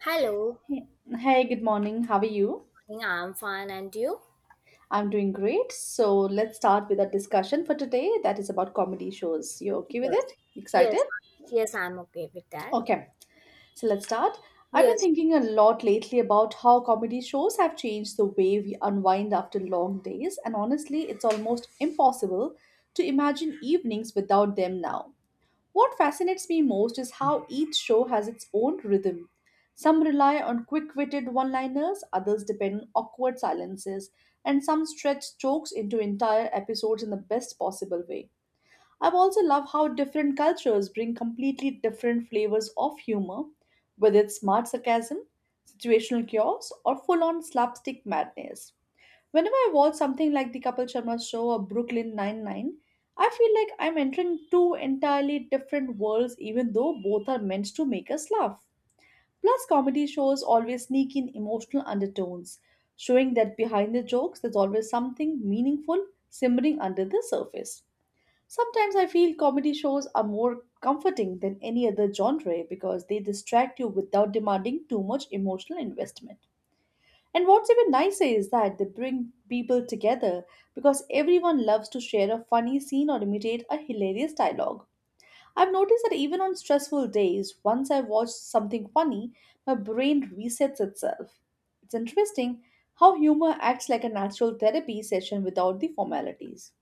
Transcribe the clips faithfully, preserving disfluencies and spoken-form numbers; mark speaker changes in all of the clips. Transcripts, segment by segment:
Speaker 1: Hello,
Speaker 2: Hey, hey, good morning. How are you?
Speaker 1: I'm fine, and you?
Speaker 2: I'm doing great. So let's start with our discussion for today that is about comedy shows. You okay with
Speaker 1: Yes,
Speaker 2: it? Excited?
Speaker 1: yes, yes, I'm okay with that.
Speaker 2: Okay. So let's start. I've been
Speaker 1: Yes,
Speaker 2: thinking a lot lately about how comedy shows have changed the way we unwind after long days, and honestly, it's almost impossible to imagine evenings without them now. What fascinates me most is how each show has its own rhythm. Some rely on quick witted one liners, others depend on awkward silences, and some stretch jokes into entire episodes in the best possible way. I also love how different cultures bring completely different flavors of humor, whether it's smart sarcasm, situational chaos, or full on slapstick madness. Whenever I watch something like the Kapil Sharma show or Brooklyn Nine-Nine, I feel like I'm entering two entirely different worlds, even though both are meant to make us laugh. Plus, comedy shows always sneak in emotional undertones, showing that behind the jokes there's always something meaningful simmering under the surface. Sometimes I feel comedy shows are more comforting than any other genre because they distract you without demanding too much emotional investment. And what's even nicer is that they bring people together because everyone loves to share a funny scene or imitate a hilarious dialogue. I've noticed that even on stressful days, once I watch something funny, my brain resets itself. It's interesting how humor acts like a natural therapy session without the formalities.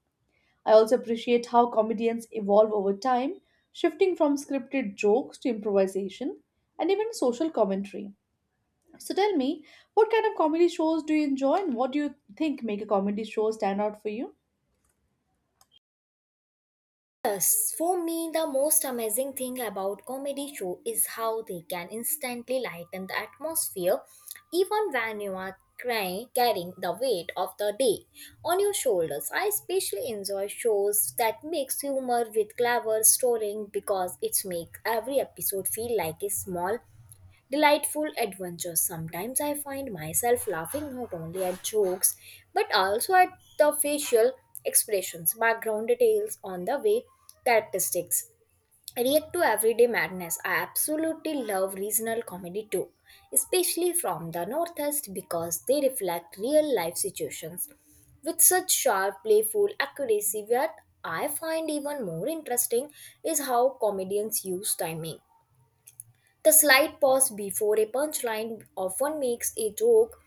Speaker 2: I also appreciate how comedians evolve over time, shifting from scripted jokes to improvisation and even social commentary. So tell me, what kind of comedy shows do you enjoy and what do you think make a comedy show stand out for you?
Speaker 1: yes. For me, the most amazing thing about comedy show is how they can instantly lighten the atmosphere, even when you are crying, carrying the weight of the day on your shoulders. I especially enjoy shows that mix humor with clever storytelling because it makes every episode feel like a small delightful adventures. Sometimes I find myself laughing not only at jokes but also at the facial expressions, background details on the way characteristics react to everyday madness. I absolutely love regional comedy too, especially from the Northeast because they reflect real life situations with such sharp, playful accuracy. What I find even more interesting is how comedians use timing, the slight pause before a punchline often makes a joke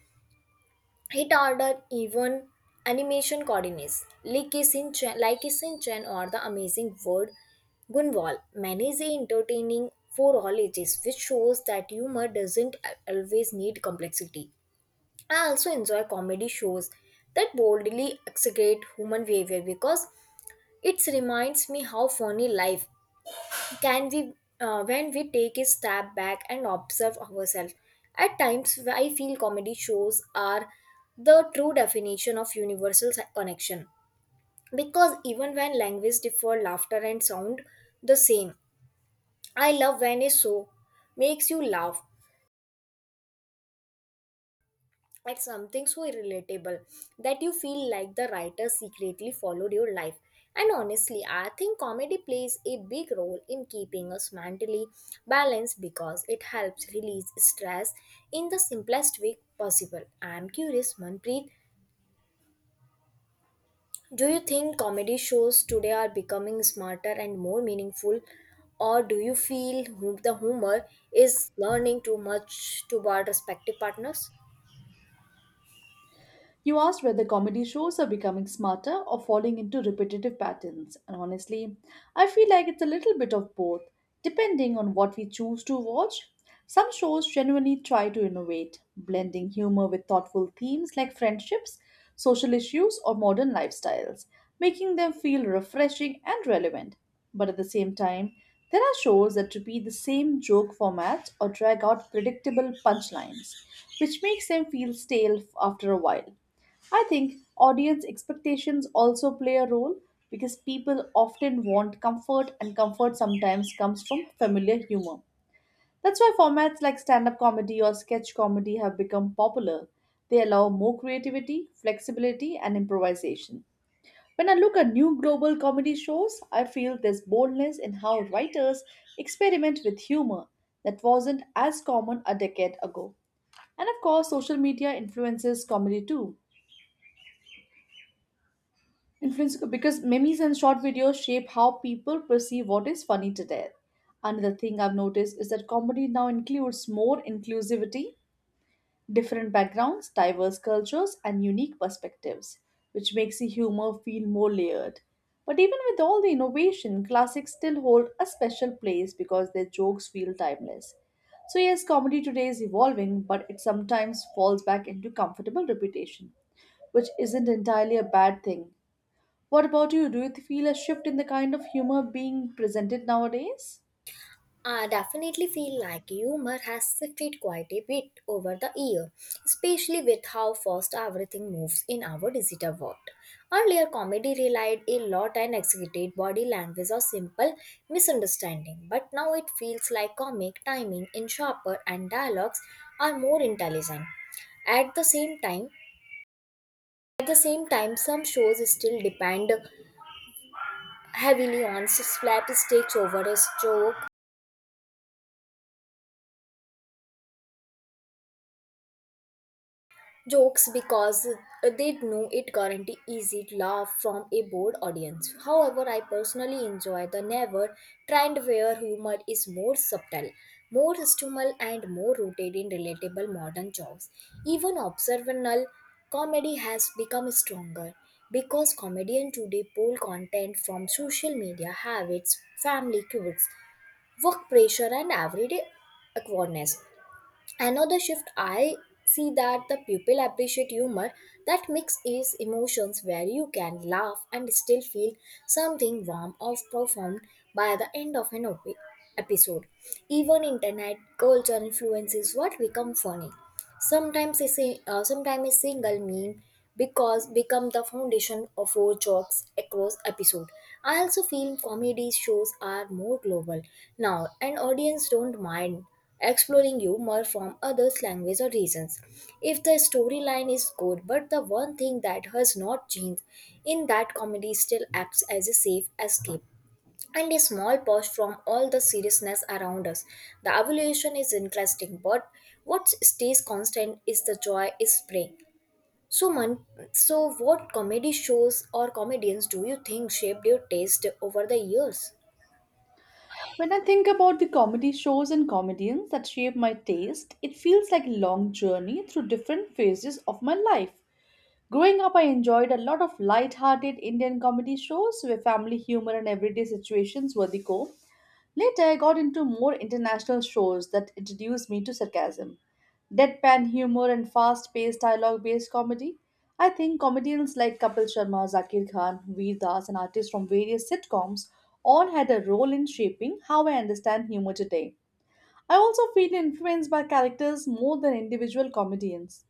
Speaker 1: hit harder even animation coordinates. Like a Shin Chan, like a Shin Chan or the amazing word Gunwal manages entertaining for all ages, which shows that humor doesn't always need complexity. I also enjoy comedy shows that boldly exaggerate human behavior because it reminds me how funny life can we uh, when we take a step back and observe ourselves. At times I feel comedy shows are the true definition of universal si- connection because even when language differ laughter and sound the same. I love when a show makes you laugh at something so relatable that you feel like the writer secretly followed your life. And honestly, I think comedy plays a big role in keeping us mentally balanced because it helps release stress in the simplest way possible. I'm curious, Manpreet, do you think comedy shows today are becoming smarter and more meaningful, or do you feel hu- the humor is learning too much to our respective partners?
Speaker 2: You asked whether comedy shows are becoming smarter or falling into repetitive patterns, and honestly, I feel like it's a little bit of both, depending on what we choose to watch. Some shows genuinely try to innovate, blending humor with thoughtful themes like friendships, social issues, or modern lifestyles, making them feel refreshing and relevant. But at the same time, there are shows that repeat the same joke formats or drag out predictable punchlines, which makes them feel stale after a while. I think audience expectations also play a role because people often want comfort, and comfort sometimes comes from familiar humor. That's why formats like stand up comedy or sketch comedy have become popular. They allow more creativity, flexibility, and improvisation. When I look at new global comedy shows, I feel there's boldness in how writers experiment with humor that wasn't as common a decade ago. And of course, social media influences comedy too. Influence because memes and short videos shape how people perceive what is funny today. Another thing I've noticed is that comedy now includes more inclusivity, different backgrounds, diverse cultures, and unique perspectives, which makes the humor feel more layered. But even with all the innovation, classics still hold a special place because their jokes feel timeless. So, yes, comedy today is evolving, but it sometimes falls back into comfortable repetition, which isn't entirely a bad thing. What about you? Do you feel a shift in the kind of humor being presented nowadays?
Speaker 1: I definitely feel like humor has shifted quite a bit over the year, especially with how fast everything moves in our digital world. Earlier, comedy relied a lot on exaggerated body language or simple misunderstanding, but now it feels like comic timing is sharper and dialogues are more intelligent. At the same time, at the same time, some shows still depend heavily on slapsticks over a joke jokes because they know it guarantee easy laugh from a bored audience. However, I personally enjoy the never trend where humor is more subtle, more stumble and more rooted in relatable modern jokes. Even observational comedy has become stronger because comedians today pull content from social media habits, family quirks, work pressure and everyday awkwardness. Another shift I see that the pupil appreciate humor that mix is emotions where you can laugh and still feel something warm or profound by the end of an opi- episode. Even internet culture influences what become funny. Sometimes a, sing- uh, sometimes a single meme because become the foundation of our jokes across episode. I also feel comedy shows are more global now and audience don't mind exploring humor from others language or regions if the storyline is good, but the one thing that has not changed in that comedy still acts as a safe escape and a small pause from all the seriousness around us. The evolution is interesting, but what stays constant is the joy is spring. So, man, so what comedy shows or comedians do you think shaped your taste over the years?
Speaker 2: When I think about the comedy shows and comedians that shape my taste, it feels like a long journey through different phases of my life. Growing up, I enjoyed a lot of light-hearted Indian comedy shows where family humor and everyday situations were the core. Later, I got into more international shows that introduced me to sarcasm, deadpan humor, and fast paced dialogue based comedy. I think comedians like Kapil Sharma, Zakir Khan, Veer Das, and artists from various sitcoms all had a role in shaping how I understand humor today. I also feel influenced by characters more than individual comedians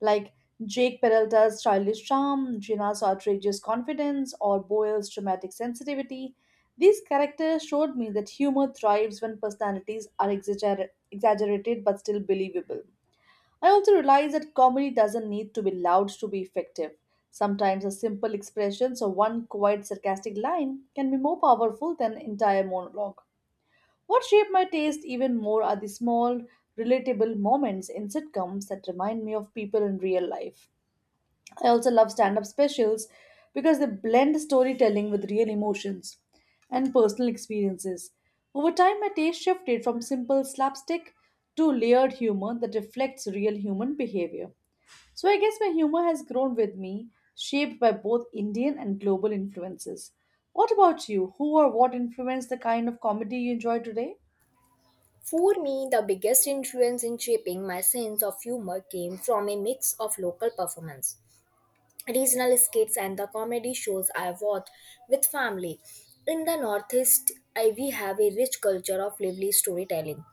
Speaker 2: like Jake Peralta's childish charm, Gina's outrageous confidence, or Boyle's dramatic sensitivity. These characters showed me that humor thrives when personalities are exagger- exaggerated but still believable. I also realized that comedy doesn't need to be loud to be effective. Sometimes a simple expression or one quiet sarcastic line can be more powerful than an entire monologue. What shaped my taste even more are the small, relatable moments in sitcoms that remind me of people in real life. I also love stand up specials because they blend storytelling with real emotions and personal experiences. Over time, my taste shifted from simple slapstick to layered humor that reflects real human behavior. So, I guess my humor has grown with me, shaped by both Indian and global influences. What about you? Who or what influenced the kind of comedy you enjoy today?
Speaker 1: For me, the biggest influence in shaping my sense of humor came from a mix of local performance, regional skits, and the comedy shows I watched with family. In the Northeast, I, we have a rich culture of lively storytelling,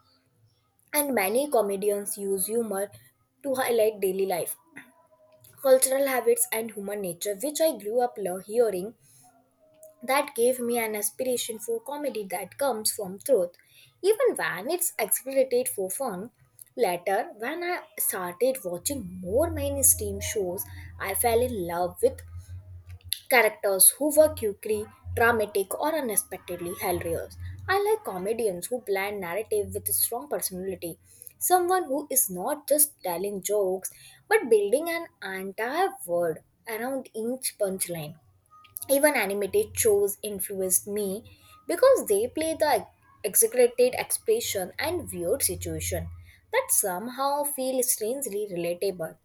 Speaker 1: and many comedians use humor to highlight daily life, cultural habits, and human nature, which I grew up lo- hearing. That gave me an aspiration for comedy that comes from truth, even when it's exaggerated for fun. Later, when I started watching more mainstream shows, I fell in love with characters who were quirky, dramatic, or unexpectedly hilarious. I like comedians who blend narrative with strong personality. Someone who is not just telling jokes but building an entire world around each punchline. Even animated shows influenced me because they play the exaggerated expression and weird situation that somehow feel strangely relatable.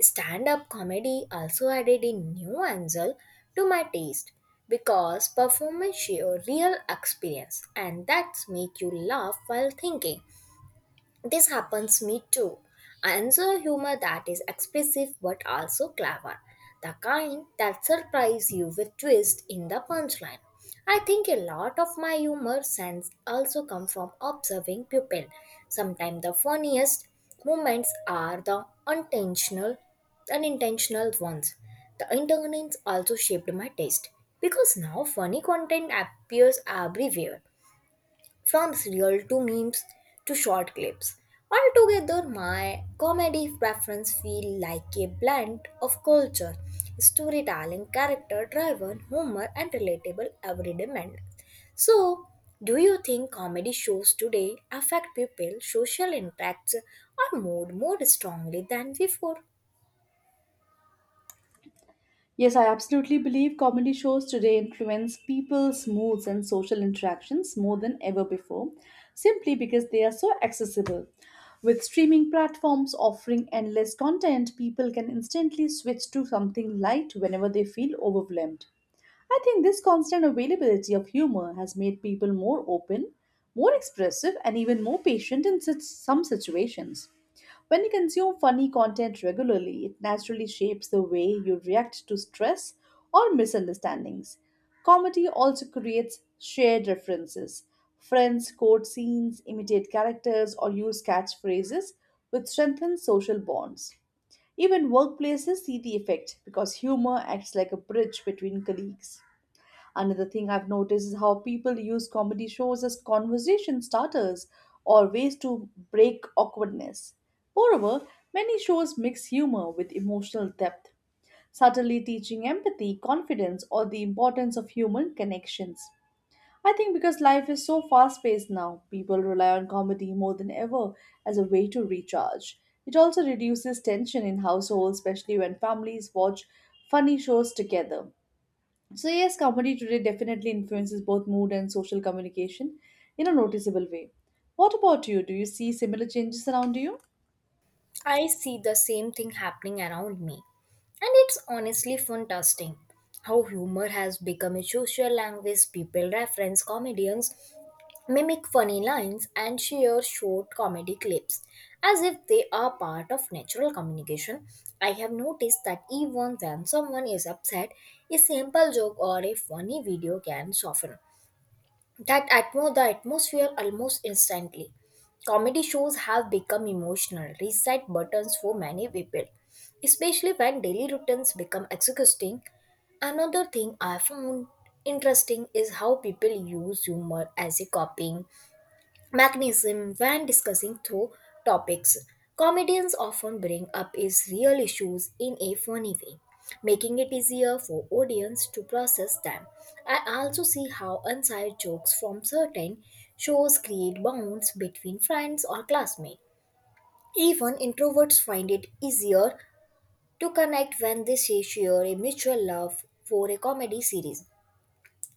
Speaker 1: Stand-up comedy also added a new angle to my taste because performance share real experience and that make you laugh while thinking. This happens me too. I enjoy humor that is expressive but also clever, the kind that surprises you with twist in the punchline. I think a lot of my humor sense also come from observing people. Sometimes the funniest moments are the unintentional, unintentional ones. The internet also shaped my taste because now funny content appears everywhere from serial to memes to short clips. Altogether, my comedy preference feel like a blend of culture, storytelling, character-driven humor, and relatable everyday manners. So, do you think comedy shows today affect people, social interacts, or mood more strongly than before?
Speaker 2: Yes, I absolutely believe comedy shows today influence people's moods and social interactions more than ever before, simply because they are so accessible. With streaming platforms offering endless content, people can instantly switch to something light whenever they feel overwhelmed. I think this constant availability of humor has made people more open, more expressive, and even more patient in such some situations. When you consume funny content regularly, it naturally shapes the way you react to stress or misunderstandings. Comedy also creates shared references. Friends quote scenes, imitate characters, or use catchphrases, which strengthens social bonds. Even workplaces see the effect because humor acts like a bridge between colleagues. Another thing I've noticed is how people use comedy shows as conversation starters or ways to break awkwardness. Moreover, many shows mix humor with emotional depth, subtly teaching empathy, confidence, or the importance of human connections. I think because life is so fast paced now, people rely on comedy more than ever as a way to recharge. It also reduces tension in households, especially when families watch funny shows together. So, yes, comedy today definitely influences both mood and social communication in a noticeable way. What about you? Do you see similar changes around you?
Speaker 1: I see the same thing happening around me. And it's honestly fantastic how humor has become a social language. People reference comedians, mimic funny lines, and share short comedy clips as if they are part of natural communication. I have noticed that even when someone is upset, a simple joke or a funny video can soften that atmo- the atmosphere almost instantly. Comedy shows have become emotional reset buttons for many people, especially when daily routines become exhausting. Another thing I found interesting is how people use humor as a coping mechanism when discussing through topics. Comedians often bring up is real issues in a funny way, making it easier for audience to process them. I also see how inside jokes from certain shows create bonds between friends or classmates. Even introverts find it easier to connect when they share a mutual love for a comedy series.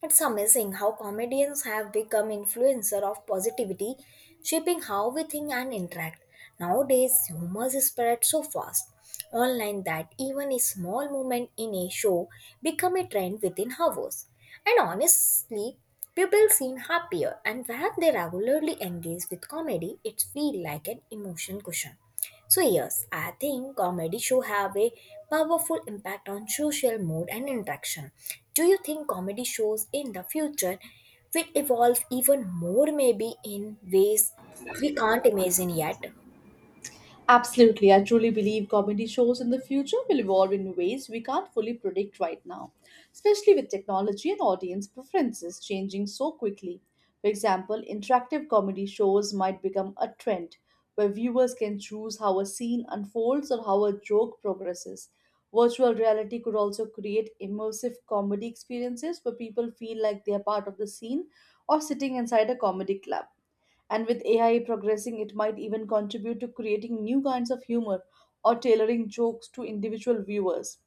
Speaker 1: It's amazing how comedians have become influencer of positivity, shaping how we think and interact. Nowadays, humor is spread so fast online that even a small moment in a show become a trend within hours. And honestly, people seem happier and when they regularly engage with comedy, it feels like an emotion cushion. So yes, I think comedy show have a powerful impact on social mood and interaction. Do you think comedy shows in the future will evolve even more, maybe in ways we can't imagine yet?
Speaker 2: Absolutely, I truly believe comedy shows in the future will evolve in ways we can't fully predict right now, especially with technology and audience preferences changing so quickly. For example, interactive comedy shows might become a trend where viewers can choose how a scene unfolds or how a joke progresses. Virtual reality could also create immersive comedy experiences where people feel like they are part of the scene or sitting inside a comedy club. And with A I progressing, it might even contribute to creating new kinds of humor or tailoring jokes to individual viewers.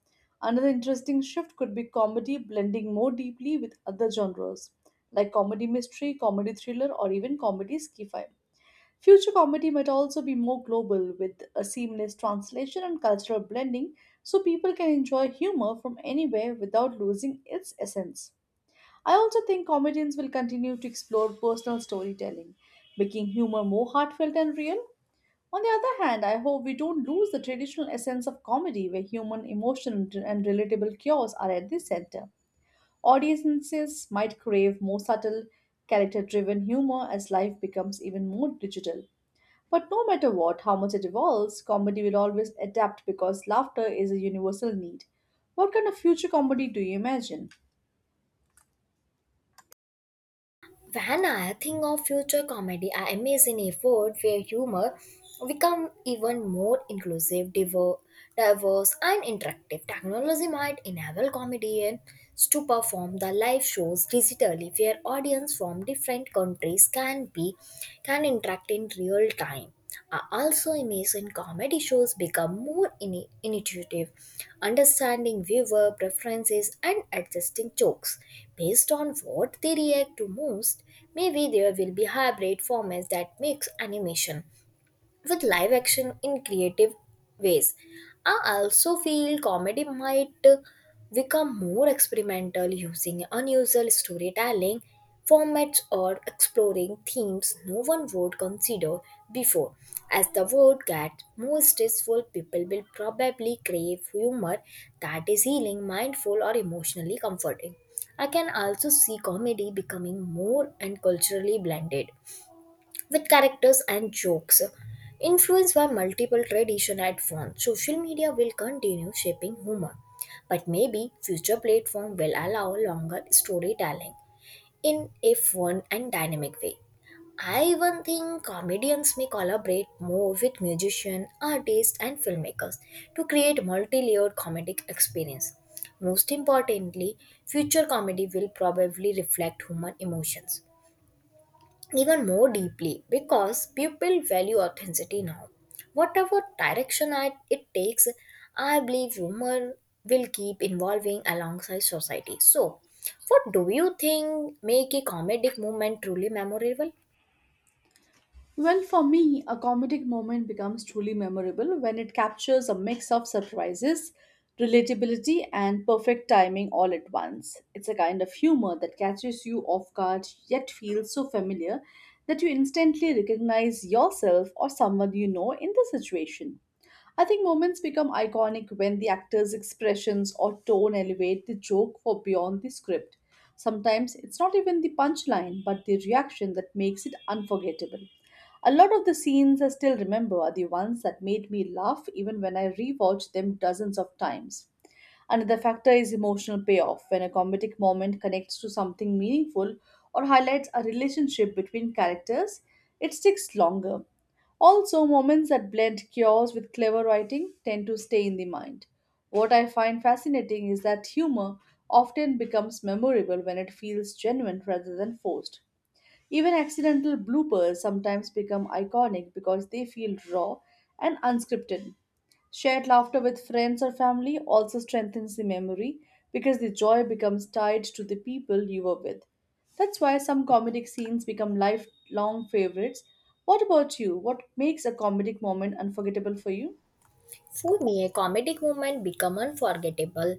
Speaker 2: Another interesting shift could be comedy blending more deeply with other genres, like comedy mystery, comedy thriller, or even comedy sci-fi. Future comedy might also be more global with a seamless translation and cultural blending so people can enjoy humor from anywhere without losing its essence. I also think comedians will continue to explore personal storytelling, making humor more heartfelt and real. On the other hand, I hope we don't lose the traditional essence of comedy where human emotion and relatable cures are at the center. Audiences might crave more subtle, character driven humor as life becomes even more digital. But no matter what, how much it evolves, comedy will always adapt because laughter is a universal need. What kind of future comedy do you imagine?
Speaker 1: When I think of future comedy, I imagine a world where humor become even more inclusive, diver- diverse, and interactive. Technology might enable comedians to perform the live shows digitally, where audience from different countries can be can interact in real time. Uh, also, Amazon comedy shows become more ini- intuitive, understanding viewer preferences and adjusting jokes based on what they react to most. Maybe there will be hybrid formats that mix animation with live action in creative ways. I also feel comedy might uh, become more experimental using unusual storytelling formats or exploring themes no one would consider before. As the world gets more stressful, people will probably crave humor that is healing, mindful, or emotionally comforting. I can also see comedy becoming more and culturally blended with characters and jokes. Influenced by multiple traditions at once, social media will continue shaping humor, but maybe future platform will allow longer storytelling in a fun and dynamic way. I even think comedians may collaborate more with musicians, artists, and filmmakers to create multi-layered comedic experience. Most importantly, future comedy will probably reflect human emotions even more deeply because people value authenticity now. Whatever direction I, it takes, I believe humor will keep evolving alongside society. So, what do you think make a comedic moment truly memorable?
Speaker 2: Well, for me, a comedic moment becomes truly memorable when it captures a mix of surprises, relatability, and perfect timing all at once. It's a kind of humor that catches you off guard yet feels so familiar that you instantly recognize yourself or someone you know in the situation. I think moments become iconic when the actor's expressions or tone elevate the joke for beyond the script. Sometimes it's not even the punchline, but the reaction that makes it unforgettable. A lot of the scenes I still remember are the ones that made me laugh even when I rewatch them dozens of times. Another factor is emotional payoff when a comedic moment connects to something meaningful or highlights a relationship between characters, it sticks longer. Also, moments that blend chaos with clever writing tend to stay in the mind. What I find fascinating is that humor often becomes memorable when it feels genuine rather than forced. Even accidental bloopers sometimes become iconic because they feel raw and unscripted. Shared laughter with friends or family also strengthens the memory because the joy becomes tied to the people you were with. That's why some comedic scenes become lifelong favorites. What about you? What makes a comedic moment unforgettable for you?
Speaker 1: For me, a comedic moment become unforgettable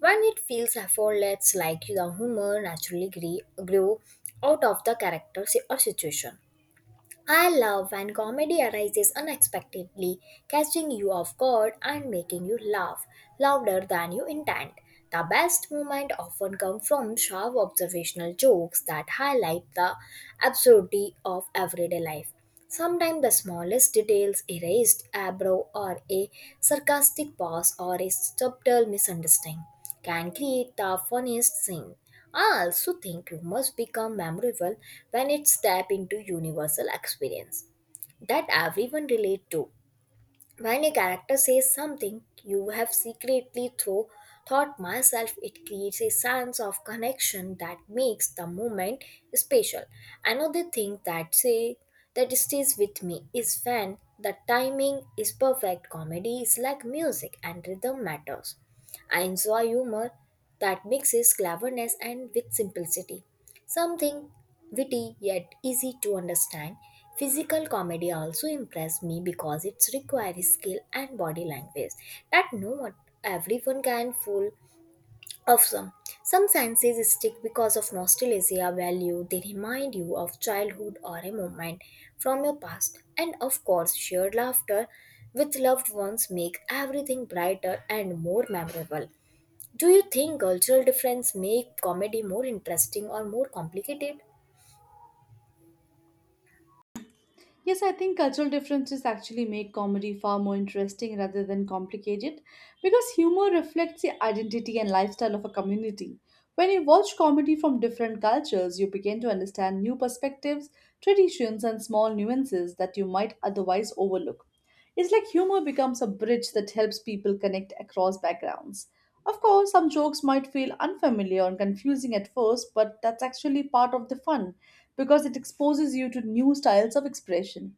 Speaker 1: when it feels effortless, like the humor naturally gre- grew out of the character si- or situation. I love when comedy arises unexpectedly, catching you off guard and making you laugh louder than you intend. The best moments often come from sharp observational jokes that highlight the absurdity of everyday life. Sometimes the smallest details, erased eyebrow or a sarcastic pause or a subtle misunderstanding can create the funniest scene. I also think rumors become memorable when it step into universal experience that everyone relate to. When a character says something you have secretly through thought myself, it creates a sense of connection that makes the moment special. Another thing that say that stays with me is when the timing is perfect. Comedy is like music and rhythm matters. I enjoy humor that mixes cleverness and with simplicity. Something witty yet easy to understand. Physical comedy also impressed me because it requires skill and body language that not everyone can fool of some. Some senses stick because of nostalgia value. They remind you of childhood or a moment from your past. And of course, shared laughter with loved ones make everything brighter and more memorable. Do you think cultural difference make comedy more interesting or more complicated?
Speaker 2: Yes, I think cultural differences actually make comedy far more interesting rather than complicated because humor reflects the identity and lifestyle of a community. When you watch comedy from different cultures, you begin to understand new perspectives, traditions, and small nuances that you might otherwise overlook. It's like humor becomes a bridge that helps people connect across backgrounds. Of course, some jokes might feel unfamiliar and confusing at first, but that's actually part of the fun because it exposes you to new styles of expression.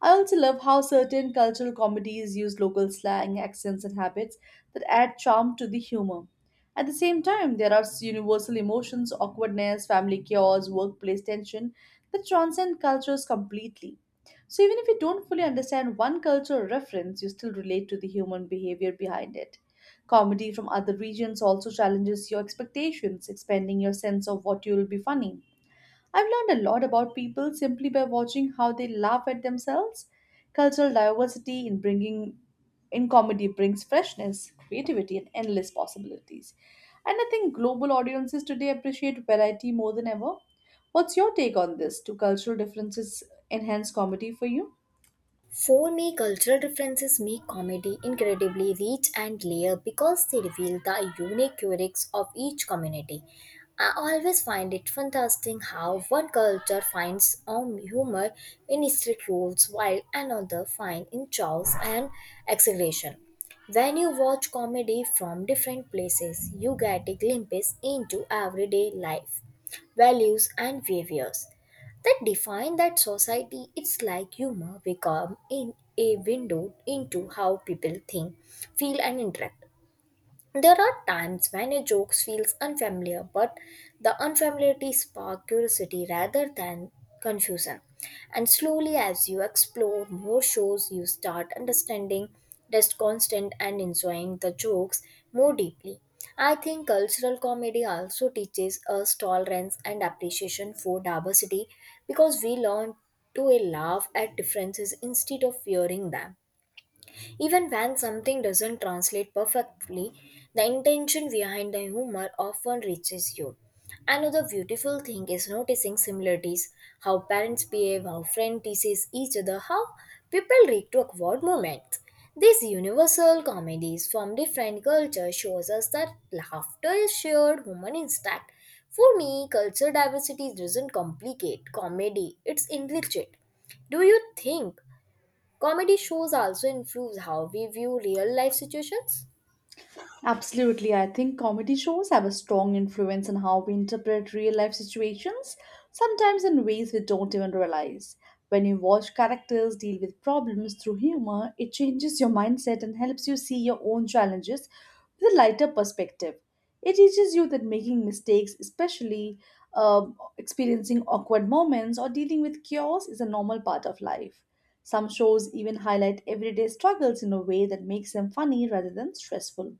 Speaker 2: I also love how certain cultural comedies use local slang, accents, and habits that add charm to the humor. At the same time, there are universal emotions, awkwardness, family chaos, workplace tension that transcend cultures completely. So, even if you don't fully understand one cultural reference, you still relate to the human behavior behind it. Comedy from other regions also challenges your expectations, expanding your sense of what you'll be funny. I've learned a lot about people simply by watching how they laugh at themselves. Cultural diversity in bringing in comedy brings freshness, creativity, and endless possibilities. And I think global audiences today appreciate variety more than ever. What's your take on this? Do cultural differences enhance comedy for you?
Speaker 1: For me, cultural differences make comedy incredibly rich and layered because they reveal the unique quirks of each community. I always find it fantastic how one culture finds um, humor in strict rules while another finds in chaos and exaggeration. When you watch comedy from different places, you get a glimpse into everyday life, values, and behaviors that define that society. It's like humor become in a window into how people think, feel, and interact. There are times when a joke feels unfamiliar, but the unfamiliarity sparks curiosity rather than confusion. And slowly, as you explore more shows, you start understanding, just constant, and enjoying the jokes more deeply. I think cultural comedy also teaches us tolerance and appreciation for diversity because we learn to laugh at differences instead of fearing them. Even when something doesn't translate perfectly, the intention behind the humor often reaches you. Another beautiful thing is noticing similarities: how parents behave, how friends teases each other, how people react to awkward moments. These universal comedies from different cultures shows us that laughter is shared human instinct. For me, cultural diversity doesn't complicate comedy, it's enrich it. Do you think comedy shows also influence how we view real life situations?
Speaker 2: Absolutely. I think comedy shows have a strong influence on how we interpret real life situations, sometimes in ways we don't even realize. When you watch characters deal with problems through humor, it changes your mindset and helps you see your own challenges with a lighter perspective. It teaches you that making mistakes, especially um, experiencing awkward moments or dealing with chaos, is a normal part of life. Some shows even highlight everyday struggles in a way that makes them funny rather than stressful.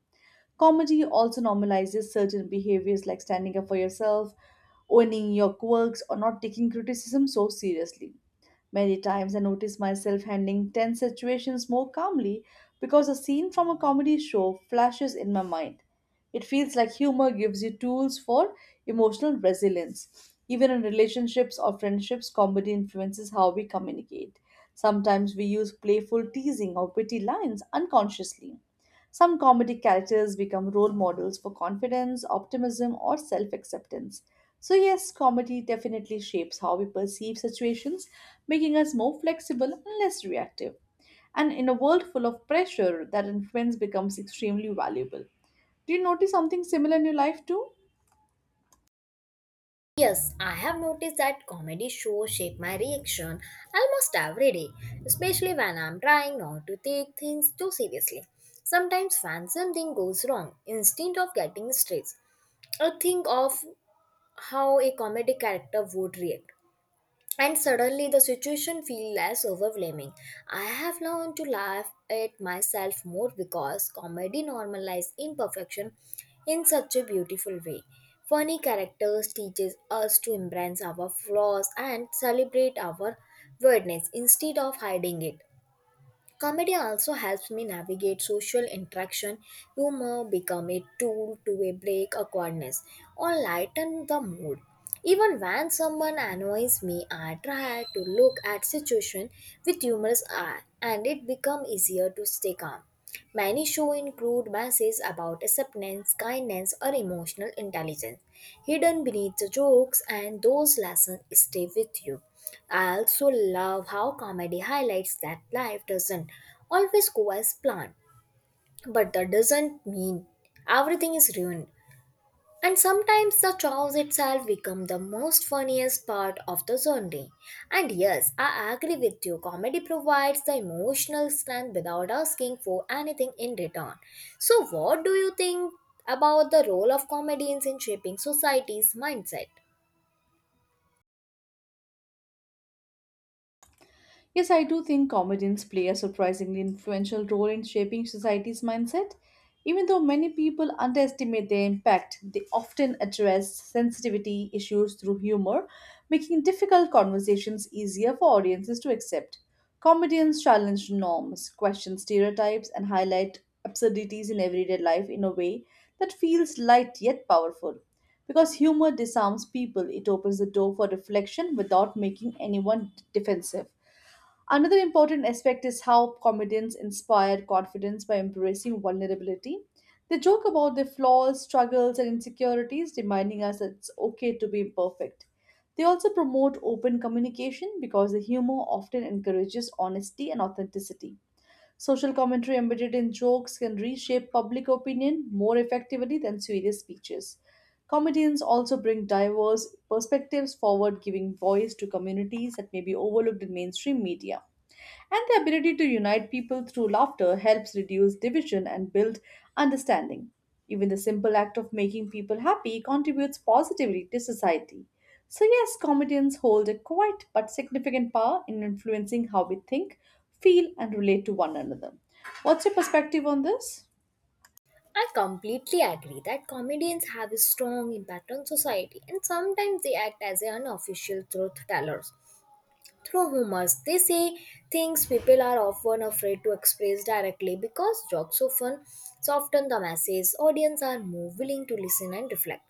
Speaker 2: Comedy also normalizes certain behaviors like standing up for yourself, owning your quirks, or not taking criticism so seriously. Many times I notice myself handling tense situations more calmly because a scene from a comedy show flashes in my mind. It feels like humor gives you tools for emotional resilience. Even in relationships or friendships, comedy influences how we communicate. Sometimes we use playful teasing or witty lines unconsciously. Some comedic characters become role models for confidence, optimism, or self acceptance. So, yes, comedy definitely shapes how we perceive situations, making us more flexible and less reactive. And in a world full of pressure, that influence becomes extremely valuable. Do you notice something similar in your life too?
Speaker 1: Yes, I have noticed that comedy shows shape my reaction almost every day, especially when I'm trying not to take things too seriously. Sometimes when something goes wrong, instead of getting stressed, I think of how a comedy character would react, and suddenly the situation feels less overwhelming. I have learned to laugh at myself more because comedy normalizes imperfection in such a beautiful way. Funny characters teaches us to embrace our flaws and celebrate our weirdness instead of hiding it. Comedy also helps me navigate social interaction. Humor become a tool to a break awkwardness or lighten the mood. Even when someone annoys me, I try to look at situation with humorous eye and it become easier to stay calm. Many show include messages about acceptance, kindness, or emotional intelligence hidden beneath the jokes, and those lessons stay with you. I also love how comedy highlights that life doesn't always go as planned, but that doesn't mean everything is ruined. And sometimes the chores itself become the most funniest part of the Sunday. And yes, I agree with you. Comedy provides the emotional strength without asking for anything in return. So, what do you think about the role of comedians in shaping society's mindset?
Speaker 2: Yes, I do think comedians play a surprisingly influential role in shaping society's mindset. Even though many people underestimate their impact, they often address sensitivity issues through humor, making difficult conversations easier for audiences to accept. Comedians challenge norms, question stereotypes, and highlight absurdities in everyday life in a way that feels light yet powerful. Because humor disarms people, it opens the door for reflection without making anyone defensive. Another important aspect is how comedians inspire confidence by embracing vulnerability. They joke about their flaws, struggles, and insecurities, reminding us that it's okay to be imperfect. They also promote open communication because the humor often encourages honesty and authenticity. Social commentary embedded in jokes can reshape public opinion more effectively than serious speeches. Comedians also bring diverse perspectives forward, giving voice to communities that may be overlooked in mainstream media. And the ability to unite people through laughter helps reduce division and build understanding. Even the simple act of making people happy contributes positively to society. So, yes, comedians hold a quiet but significant power in influencing how we think, feel, and relate to one another. What's your perspective on this?
Speaker 1: I completely agree that comedians have a strong impact on society and sometimes they act as an unofficial truth tellers. Through humor, they say things people are often afraid to express directly because jokes often soften the message. Audience are more willing to listen and reflect.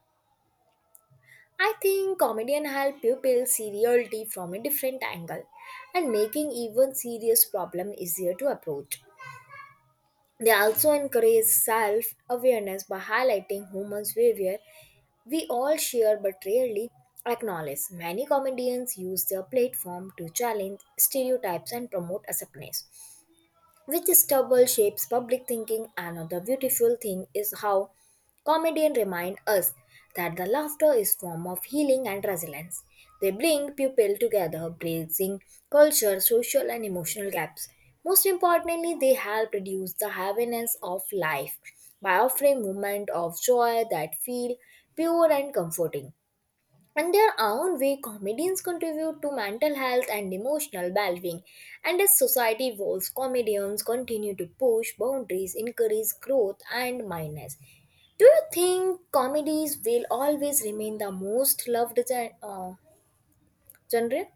Speaker 1: I think comedian help people see reality from a different angle and making even serious problem easier to approach. They also encourage self awareness by highlighting humans' behavior we all share but rarely acknowledge. Many comedians use their platform to challenge stereotypes and promote acceptance which stubble shapes public thinking. Another beautiful thing is how comedians remind us that the laughter is form of healing and resilience. They bring people together, bridging culture, social and emotional gaps. Most importantly, they help reduce the heaviness of life by offering moments of joy that feel pure and comforting. In their own way, comedians contribute to mental health and emotional well being. And as society evolves, comedians continue to push boundaries, encourage growth, and mindness. Do you think comedies will always remain the most loved gen- uh, genre?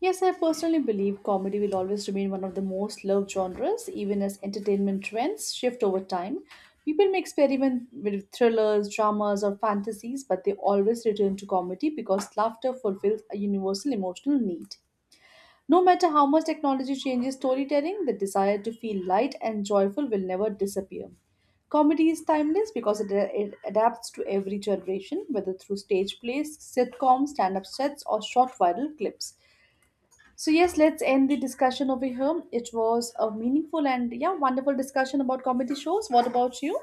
Speaker 2: Yes, I personally believe comedy will always remain one of the most loved genres, even as entertainment trends shift over time. People may experiment with thrillers, dramas, or fantasies, but they always return to comedy because laughter fulfills a universal emotional need. No matter how much technology changes storytelling, the desire to feel light and joyful will never disappear. Comedy is timeless because it, uh, it adapts to every generation, whether through stage plays, sitcoms, stand up sets, or short viral clips. So, yes, let's end the discussion over here. It was a meaningful and, yeah, wonderful discussion about comedy shows. What about you?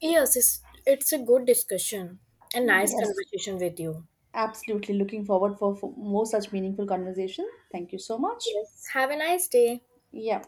Speaker 1: Yes, it's, it's a good discussion, a nice
Speaker 2: Yes,
Speaker 1: conversation with you.
Speaker 2: absolutely. Looking forward for, for more such meaningful conversation. Thank you so much.
Speaker 1: Yes. Have a nice day.
Speaker 2: Yeah.